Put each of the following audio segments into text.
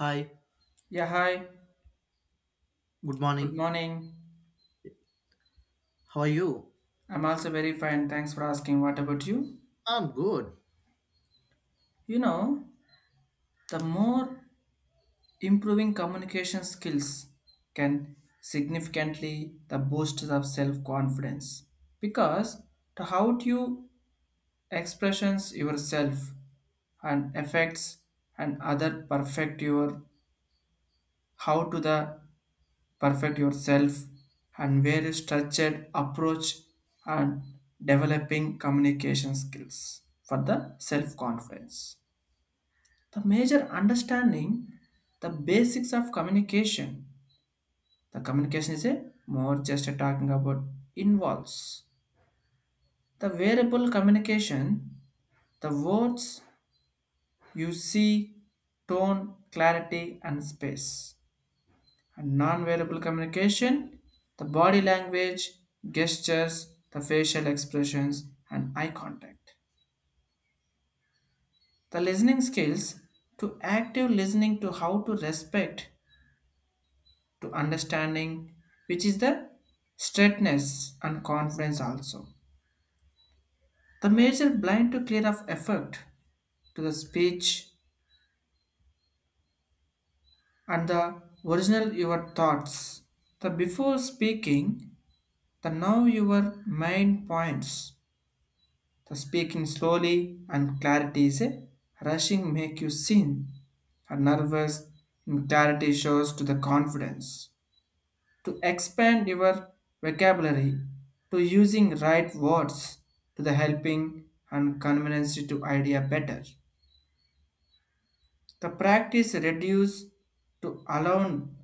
Hi, Yeah, hi. good Good morning. morning. How are you? I'm also very fine. Thanks for asking. What about you? I'm good. You know, the more improving communication skills can significantly the boosts of self-confidence because to how do you expressions yourself and affects and other perfect your how to the perfect yourself and very structured approach and developing communication skills for the self-confidence. The major understanding the basics of communication. The communication is a more just a talking about involves the variable communication, the words you see, tone, clarity, and space and non-verbal communication, the body language, gestures, the facial expressions, and eye contact. The listening skills to active listening to how to respect to understanding, which is the straightness and confidence also. The major blind to clear of effect to the speech and the original your thoughts. The before speaking, the now your mind points. The speaking slowly and clarity is a rushing make you seen. Her nervous and clarity shows to the confidence. To expand your vocabulary, to using right words, to the helping and convenience to idea better. The practice reduce to alone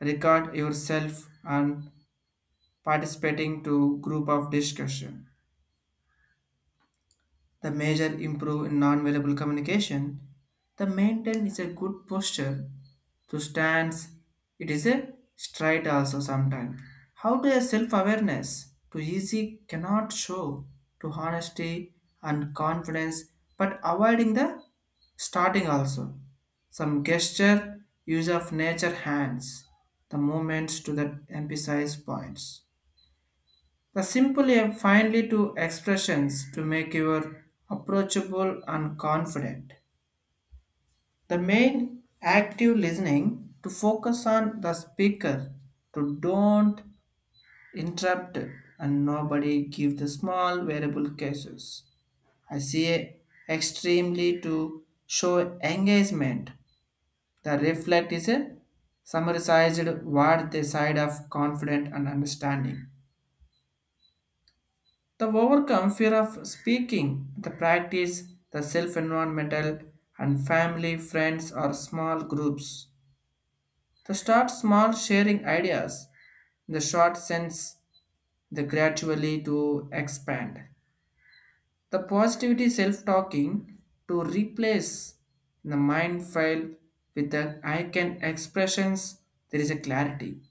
record yourself and participating to group of discussion. The major improve in non-verbal communication. The maintain is a good posture. To stands, it is a stride also sometimes. How to a self-awareness to easy cannot show to honesty and confidence, but avoiding the starting also. Some gesture, use of nature hands, the movements to the emphasize points. The simple yet finely to expressions to make your approachable and confident. The main active listening to focus on the speaker to don't interrupt and nobody give the small variable cases. I see a extremely to show engagement. The reflect is a summarized word the side of confident and understanding. The overcome fear of speaking, the practice, the self environmental and family, friends, or small groups. The start small sharing ideas, the short sense, the gradually to expand. The positivity self talking to replace the mind file with the I can expressions, there is a clarity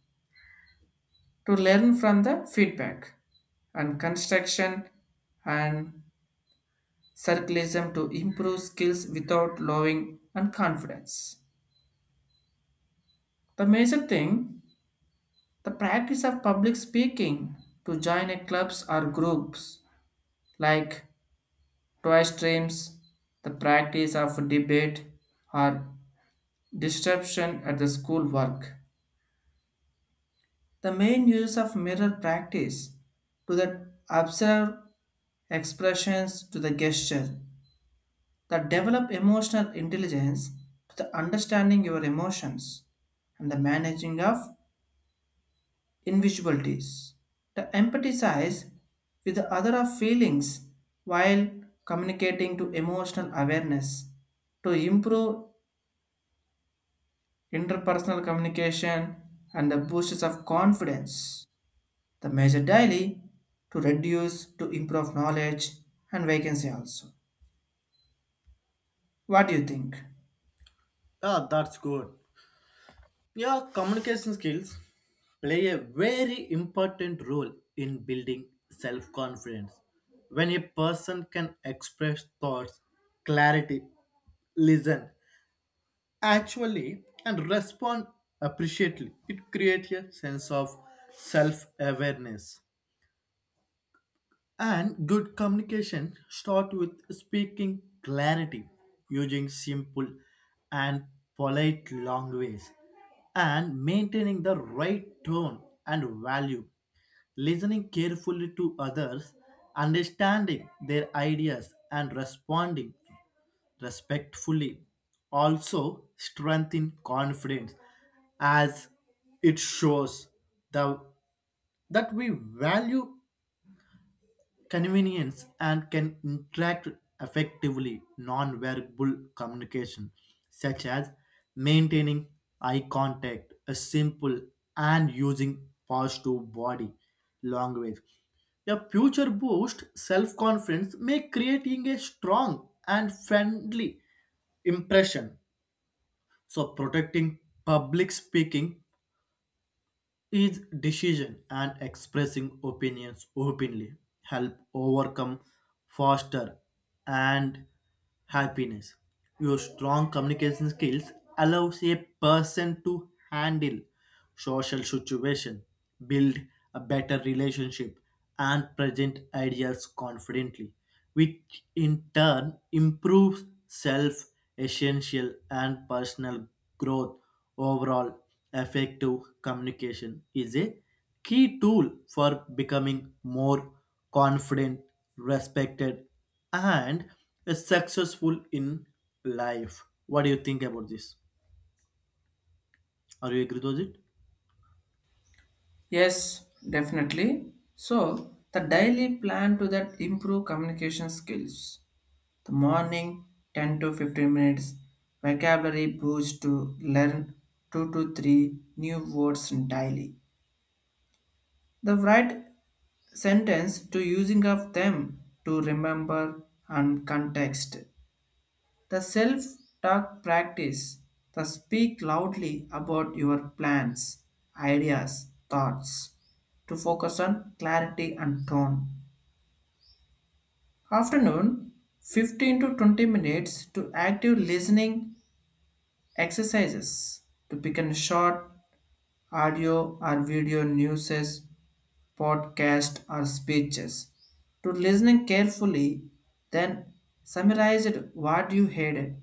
to learn from the feedback and construction and circleism to improve skills without lowering and confidence. The major thing, the practice of public speaking to join a clubs or groups like toy streams, the practice of debate or disruption at the school work. The main use of mirror practice to the observe expressions to the gesture that develop emotional intelligence to the understanding your emotions and the managing of invisibilities to empathize with the other of feelings while communicating to emotional awareness to improve interpersonal communication and the boosts of confidence the measure daily to reduce to improve knowledge and vacancy also, what do you think? Ah, that's good. Yeah, communication skills play a very important role in building self confidence. When a person can express thoughts, clarity, listen, actually, and respond appreciatively, it creates a sense of self awareness. And good communication start with speaking clarity, using simple and polite language, and maintaining the right tone and value. Listening carefully to others, understanding their ideas, and responding respectfully also strengthen confidence as it shows the, that we value convenience and can interact effectively non-verbal communication such as maintaining eye contact a simple and using positive body language a future boost self-confidence may creating a strong and friendly impression, so protecting public speaking is decision and expressing opinions openly help overcome foster and happiness. Your strong communication skills allows a person to handle social situation, build a better relationship and present ideas confidently, which in turn improves self essential and personal growth overall. Effective communication is a key tool for becoming more confident, respected, and successful in life. What do you think about this? Are you agree with it? Yes, definitely. So, the daily plan to that improve communication skills. The morning 10 to 15 minutes vocabulary boost to learn 2 to 3 new words daily. The right sentence to using of them to remember and context. The self talk practice, the speak loudly about your plans, ideas, thoughts, to focus on clarity and tone. Afternoon, 15 to 20 minutes to active listening exercises, to pick a short audio or video newses, podcast or speeches, to listening carefully, then summarize it what you heard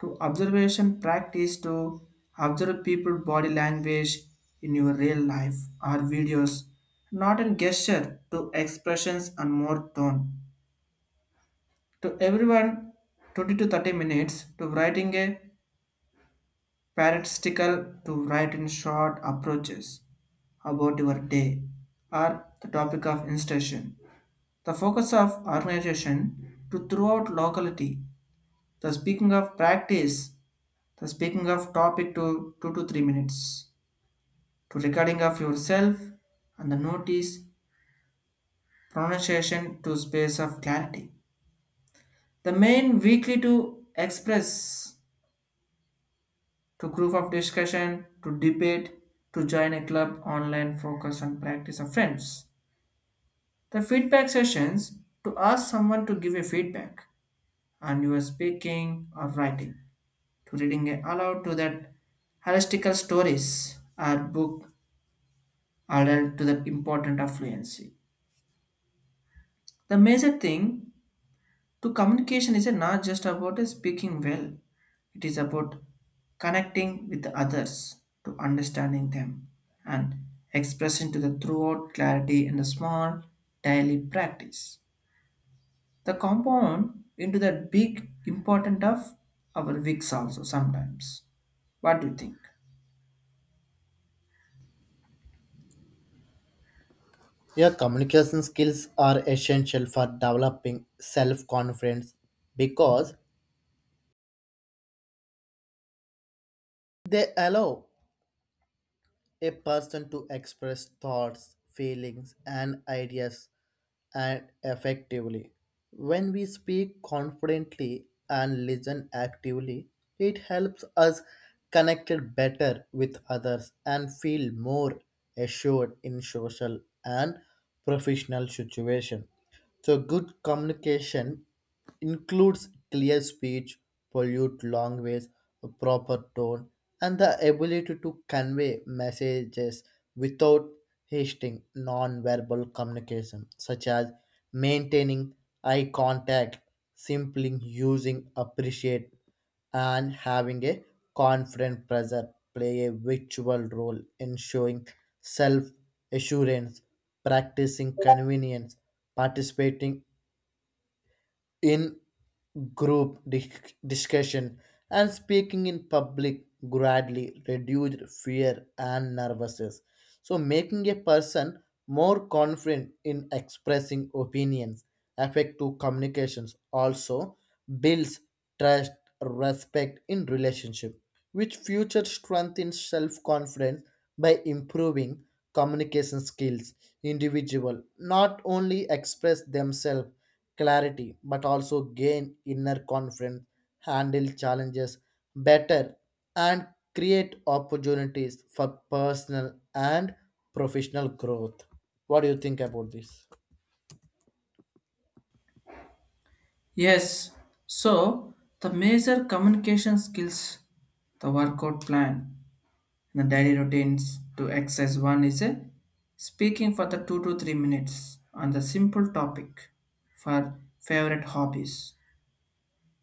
to observation practice to observe people body language in your real life or videos not in gesture to expressions and more tone to everyone 20 to 30 minutes to writing a paradistical to write in short approaches about your day or the topic of instruction. The focus of organization to throughout locality. The speaking of practice. So speaking of topic to 2 to 3 minutes to recording of yourself and the notice pronunciation to space of clarity. The main weekly to express to group of discussion to debate to join a club online focus on practice of friends. The feedback sessions to ask someone to give a feedback and you are speaking or writing to reading aloud to that holistical stories or book alert to the important of fluency. The major thing to communication is not just about speaking well, it is about connecting with others to understanding them and expressing to the throughout clarity in the small daily practice. The compound into the big important of our weeks also sometimes. What do you think? Yeah, communication skills are essential for developing self confidence because they allow a person to express thoughts, feelings, and ideas and effectively. When we speak confidently and listen actively, it helps us connect better with others and feel more assured in social and professional situations. So good communication includes clear speech, pollute language, a proper tone, and the ability to convey messages without hasting non-verbal communication, such as maintaining eye contact, simply using appreciate, and having a confident presence play a virtual role in showing self-assurance, practicing convenience, participating in group discussion and speaking in public gradually reduced fear and nervousness, so making a person more confident in expressing opinions. Effective communications also builds trust respect in relationship, which future strengthens self-confidence by improving communication skills individual not only express themselves clarity but also gain inner confidence, handle challenges better, and create opportunities for personal and professional growth. What do you think about this? Yes. So the major communication skills, the workout plan. The daily routines to exercise one is a speaking for the 2 to 3 minutes on the simple topic for favorite hobbies.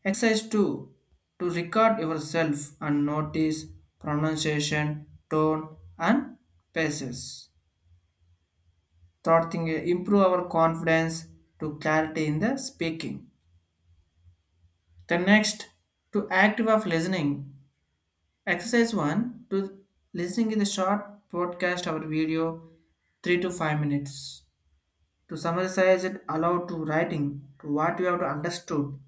Exercise two to record yourself and notice pronunciation, tone, and paces. Third thing improve our confidence to clarity in the speaking. The next to active of listening. Exercise one to listening in the short podcast or video 3 to 5 minutes to summarize it aloud to writing to what you have to understood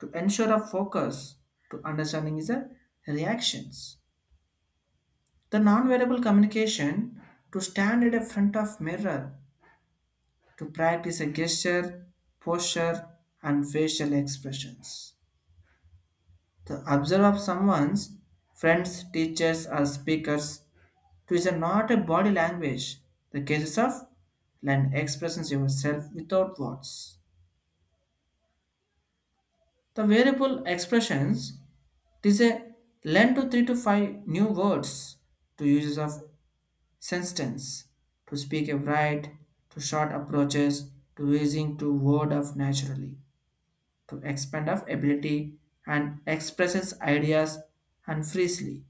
to ensure a focus to understanding is a reactions the non-verbal communication to stand in a front of mirror to practice a gesture posture and facial expressions the observe of someone's friends teachers or speakers to is a not a body language the cases of and expresses yourself without words. The variable expressions. It is a learn to three to five new words to uses of sentence, to speak a right, to short approaches, to using to word of naturally, to expand of ability and expresses ideas and freely.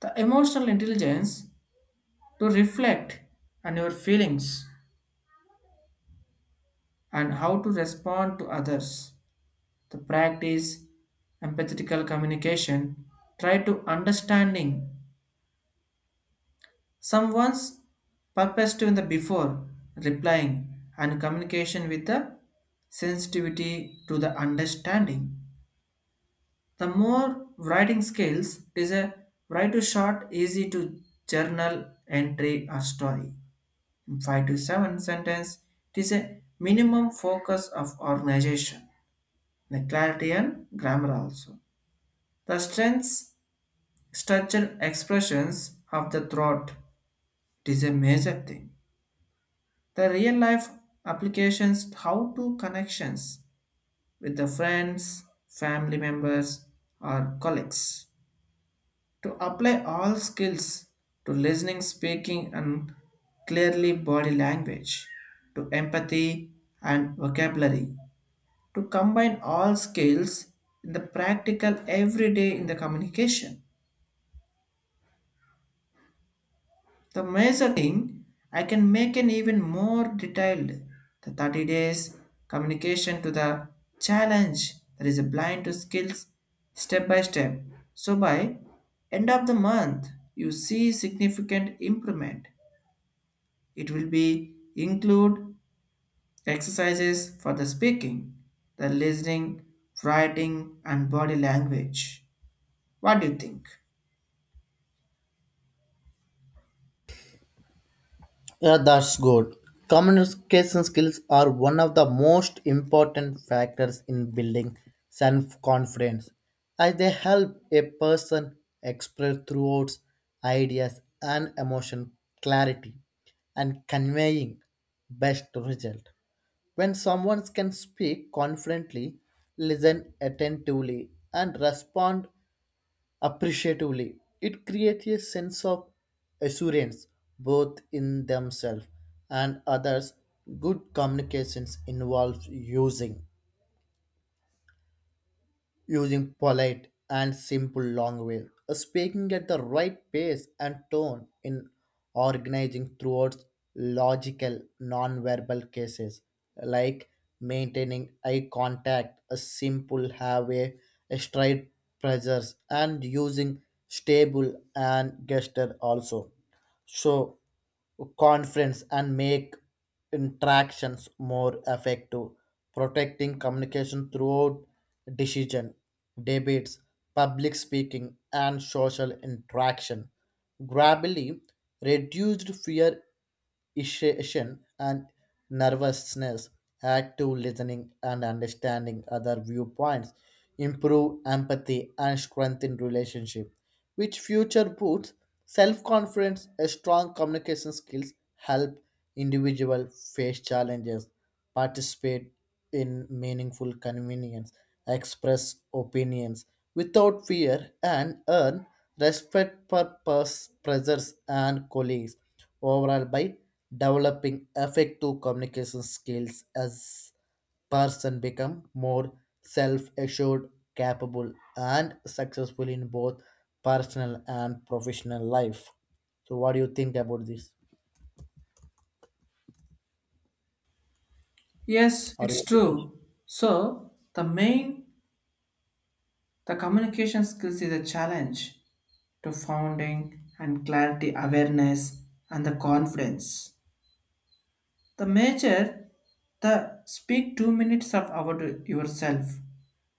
The emotional intelligence to reflect on your feelings and how to respond to others. The practice empathetical communication, try to understanding someone's purposive in the before replying and communication with the sensitivity to the understanding. The more writing skills is a write to short, easy to journal entry or story. In five to seven sentence, it is a minimum focus of organization. The clarity and grammar also. The strengths, structure, expressions of the throat. It is a major thing. The real life applications how to connections with the friends, family members or colleagues. To apply all skills to listening, speaking and clearly body language, to empathy and vocabulary. To combine all skills in the practical everyday in the communication. The major thing I can make an even more detailed the 30 days communication to the challenge that is blind to skills step by step. So by end of the month you see significant improvement. It will be include exercises for the speaking, the listening, writing and body language. What do you think? Yeah, that's good. Communication skills are one of the most important factors in building self confidence, as they help a person express thoughts, ideas and emotion clarity and conveying best result. When someone can speak confidently, listen attentively, and respond appreciatively, it creates a sense of assurance both in themselves and others. Good communications involves using polite and simple language, speaking at the right pace and tone in organizing throughout logical non-verbal cases like maintaining eye contact, a simple halfway, a straight pressures and using stable and gesture also. So conference and make interactions more effective, protecting communication throughout decision, debates, public speaking, and social interaction. Gradually, reduced fear, irritation and nervousness, active listening and understanding other viewpoints, improve empathy and strengthen relationship, which future boosts self-confidence. A strong communication skills help individual face challenges, participate in meaningful convenience, express opinions without fear, and earn respect for pressures and colleagues overall by developing effective communication skills as person become more self-assured, capable and successful in both personal and professional life. So what do you think about this? Yes, Are it's you- true. So, the main. The communication skills is a challenge to founding and clarity awareness and the confidence. The major, the speak 2 minutes of about yourself,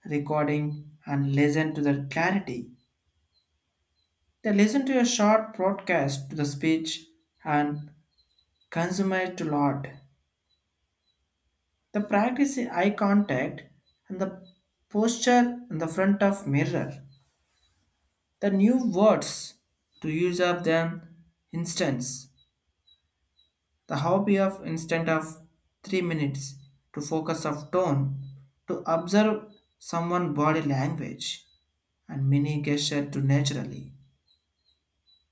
recording and listen to the clarity. They listen to a short broadcast to the speech and consume it to lot. The practice eye contact and the posture in the front of mirror the new words to use up them instance the hobby of instant of 3 minutes to focus of tone to observe someone body language and many gesture to naturally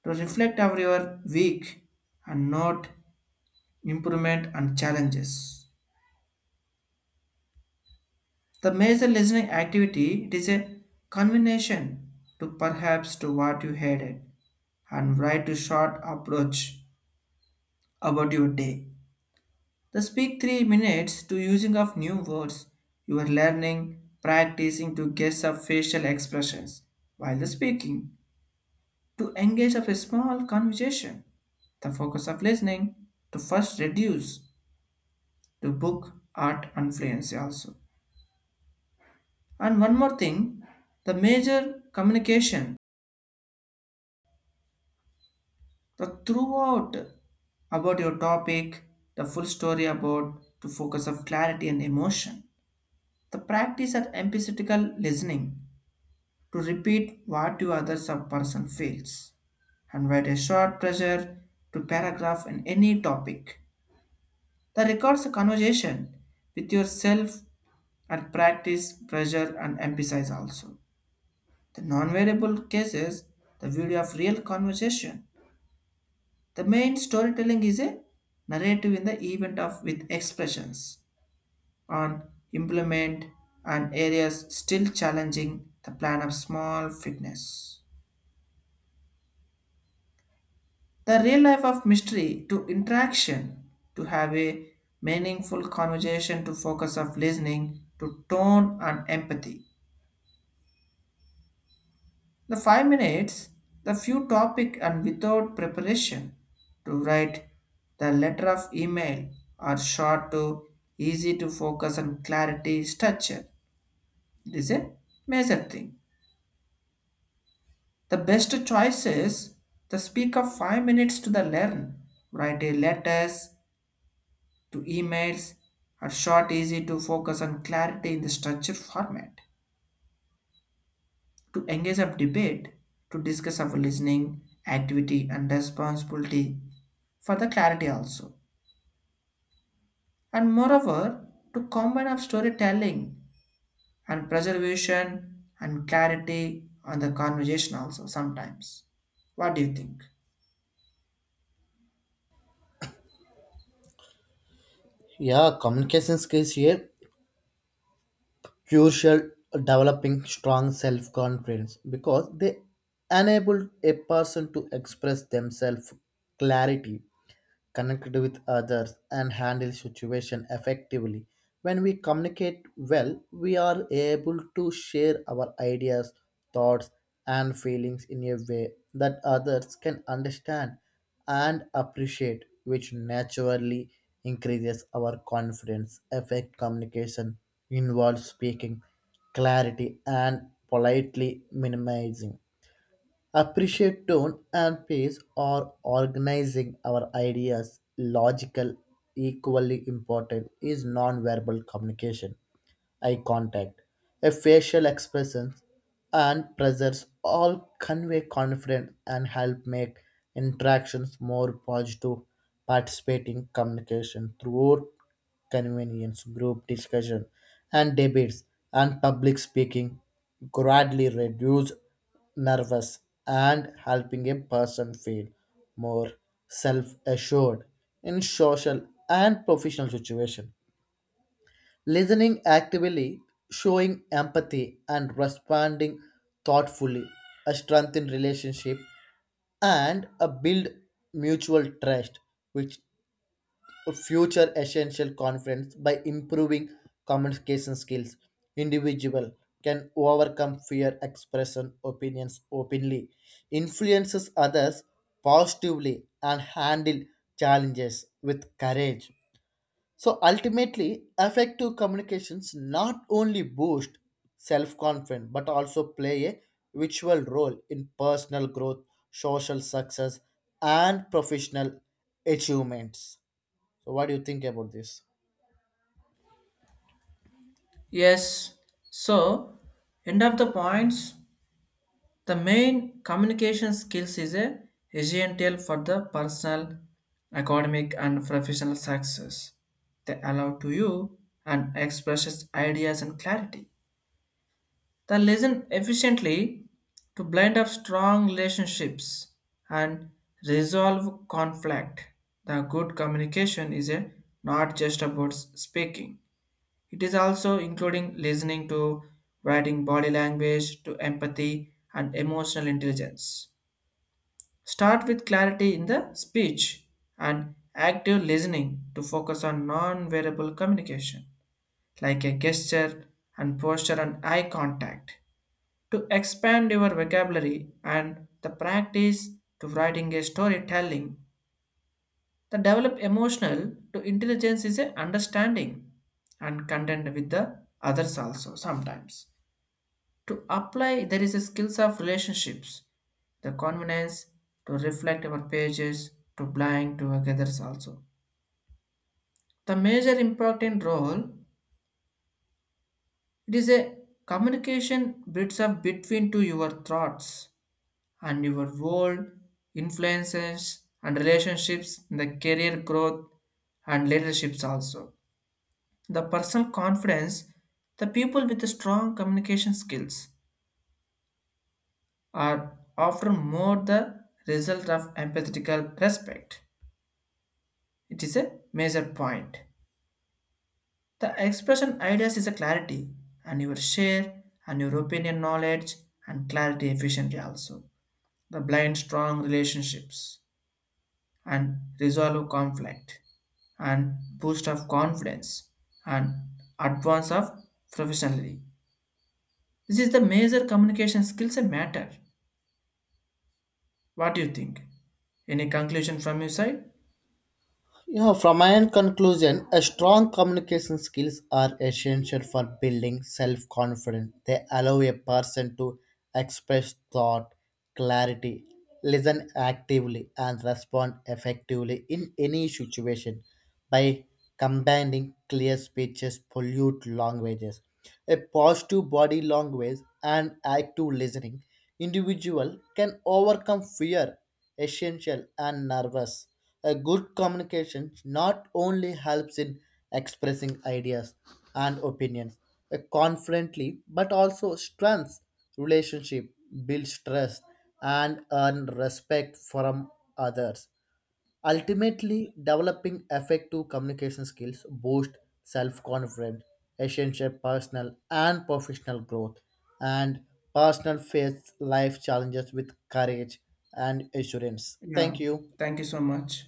to reflect over your week and note improvement and challenges the major listening activity it is a combination to perhaps to what you headed and write a short approach about your day. The speak 3 minutes to using of new words. You are learning, practicing to guess of facial expressions while the speaking, to engage of a small conversation. The focus of listening to first reduce to book, art, and fluency also. And one more thing, the major communication, the throughout about your topic, the full story about to focus of clarity and emotion. The practice of empathetical listening to repeat what you other sub person feels, and with a short pressure to paragraph in any topic. The records a conversation with yourself and practice pressure and emphasize also. The non-variable cases, the video of real conversation. The main storytelling is a narrative in the event of with expressions on implement and areas still challenging the plan of small fitness. The real life of mystery to interaction, to have a meaningful conversation, to focus of listening, to tone and empathy. The 5 minutes, the few topic and without preparation, to write the letter of email are short to easy to focus on clarity structure. It is a major thing. The best choice is the speak of 5 minutes to the learn. Write a letters to emails are short, easy to focus on clarity in the structured format, to engage of debate, to discuss of listening, activity and responsibility for the clarity also. And moreover, to combine of storytelling and preservation and clarity on the conversation also sometimes. What do you think? yeah, communication skills here crucial developing strong self-confidence because they enable a person to express themselves clarity, connect with others, and handle situation effectively. When we communicate well, we are able to share our ideas, thoughts, and feelings in a way that others can understand and appreciate, which naturally increases our confidence. Effect communication involves speaking clarity and politely minimizing appreciate tone and pace or organizing our ideas logical. Equally important is non-verbal communication, eye contact, a facial expression and presence all convey confidence and help make interactions more positive. Participating communication throughout convenience, group discussion, and debates, and public speaking gradually reduce nervous and helping a person feel more self-assured in social and professional situation. Listening actively, showing empathy, and responding thoughtfully a strengthen relationship and a build mutual trust, which future essential conference by improving communication skills individual can overcome fear expression opinions openly, influences others positively and handle challenges with courage. So ultimately effective communications not only boost self-confidence but also play a vital role in personal growth, social success and professional achievements. So, what do you think about this? Yes. So, end of the points. The main communication skills is a essential for the personal, academic, and professional success. They allow to you and expresses ideas and clarity. They listen efficiently to blend up strong relationships and resolve conflict. The good communication is a not just about speaking. It is also including listening to writing body language to empathy and emotional intelligence. Start with clarity in the speech and active listening to focus on non verbal communication, like a gesture and posture and eye contact. To expand your vocabulary and the practice to writing a storytelling, the develop emotional to intelligence is a understanding and content with the others also sometimes. To apply, there is a skills of relationships, the confidence to reflect our pages, to blind to others also. The major important role it is a communication bits of between to your thoughts and your world, influences and relationships in the career growth and leaderships also. The personal confidence, the people with the strong communication skills are often more the result of empathetical respect. It is a major point. The expression ideas is a clarity, and your share and your opinion knowledge and clarity efficiently also. The blind strong relationships and resolve of conflict and boost of confidence and advance of professionally. This is the major communication skills a matter. What do you think? Any conclusion from your side? You know, from my end conclusion, a strong communication skills are essential for building self-confidence. They allow a person to express thought, clarity, listen actively, and respond effectively in any situation. By combining clear speeches, polite languages, a positive body language, and active listening, individual can overcome fear essential and nervous. A good communication not only helps in expressing ideas and opinions confidently but also strengthens relationship, builds trust and earn respect from others. Ultimately, developing effective communication skills boosts self-confidence, essential personal and professional growth, and personal face life challenges with courage and assurance. Yeah, Thank you. thank you so much.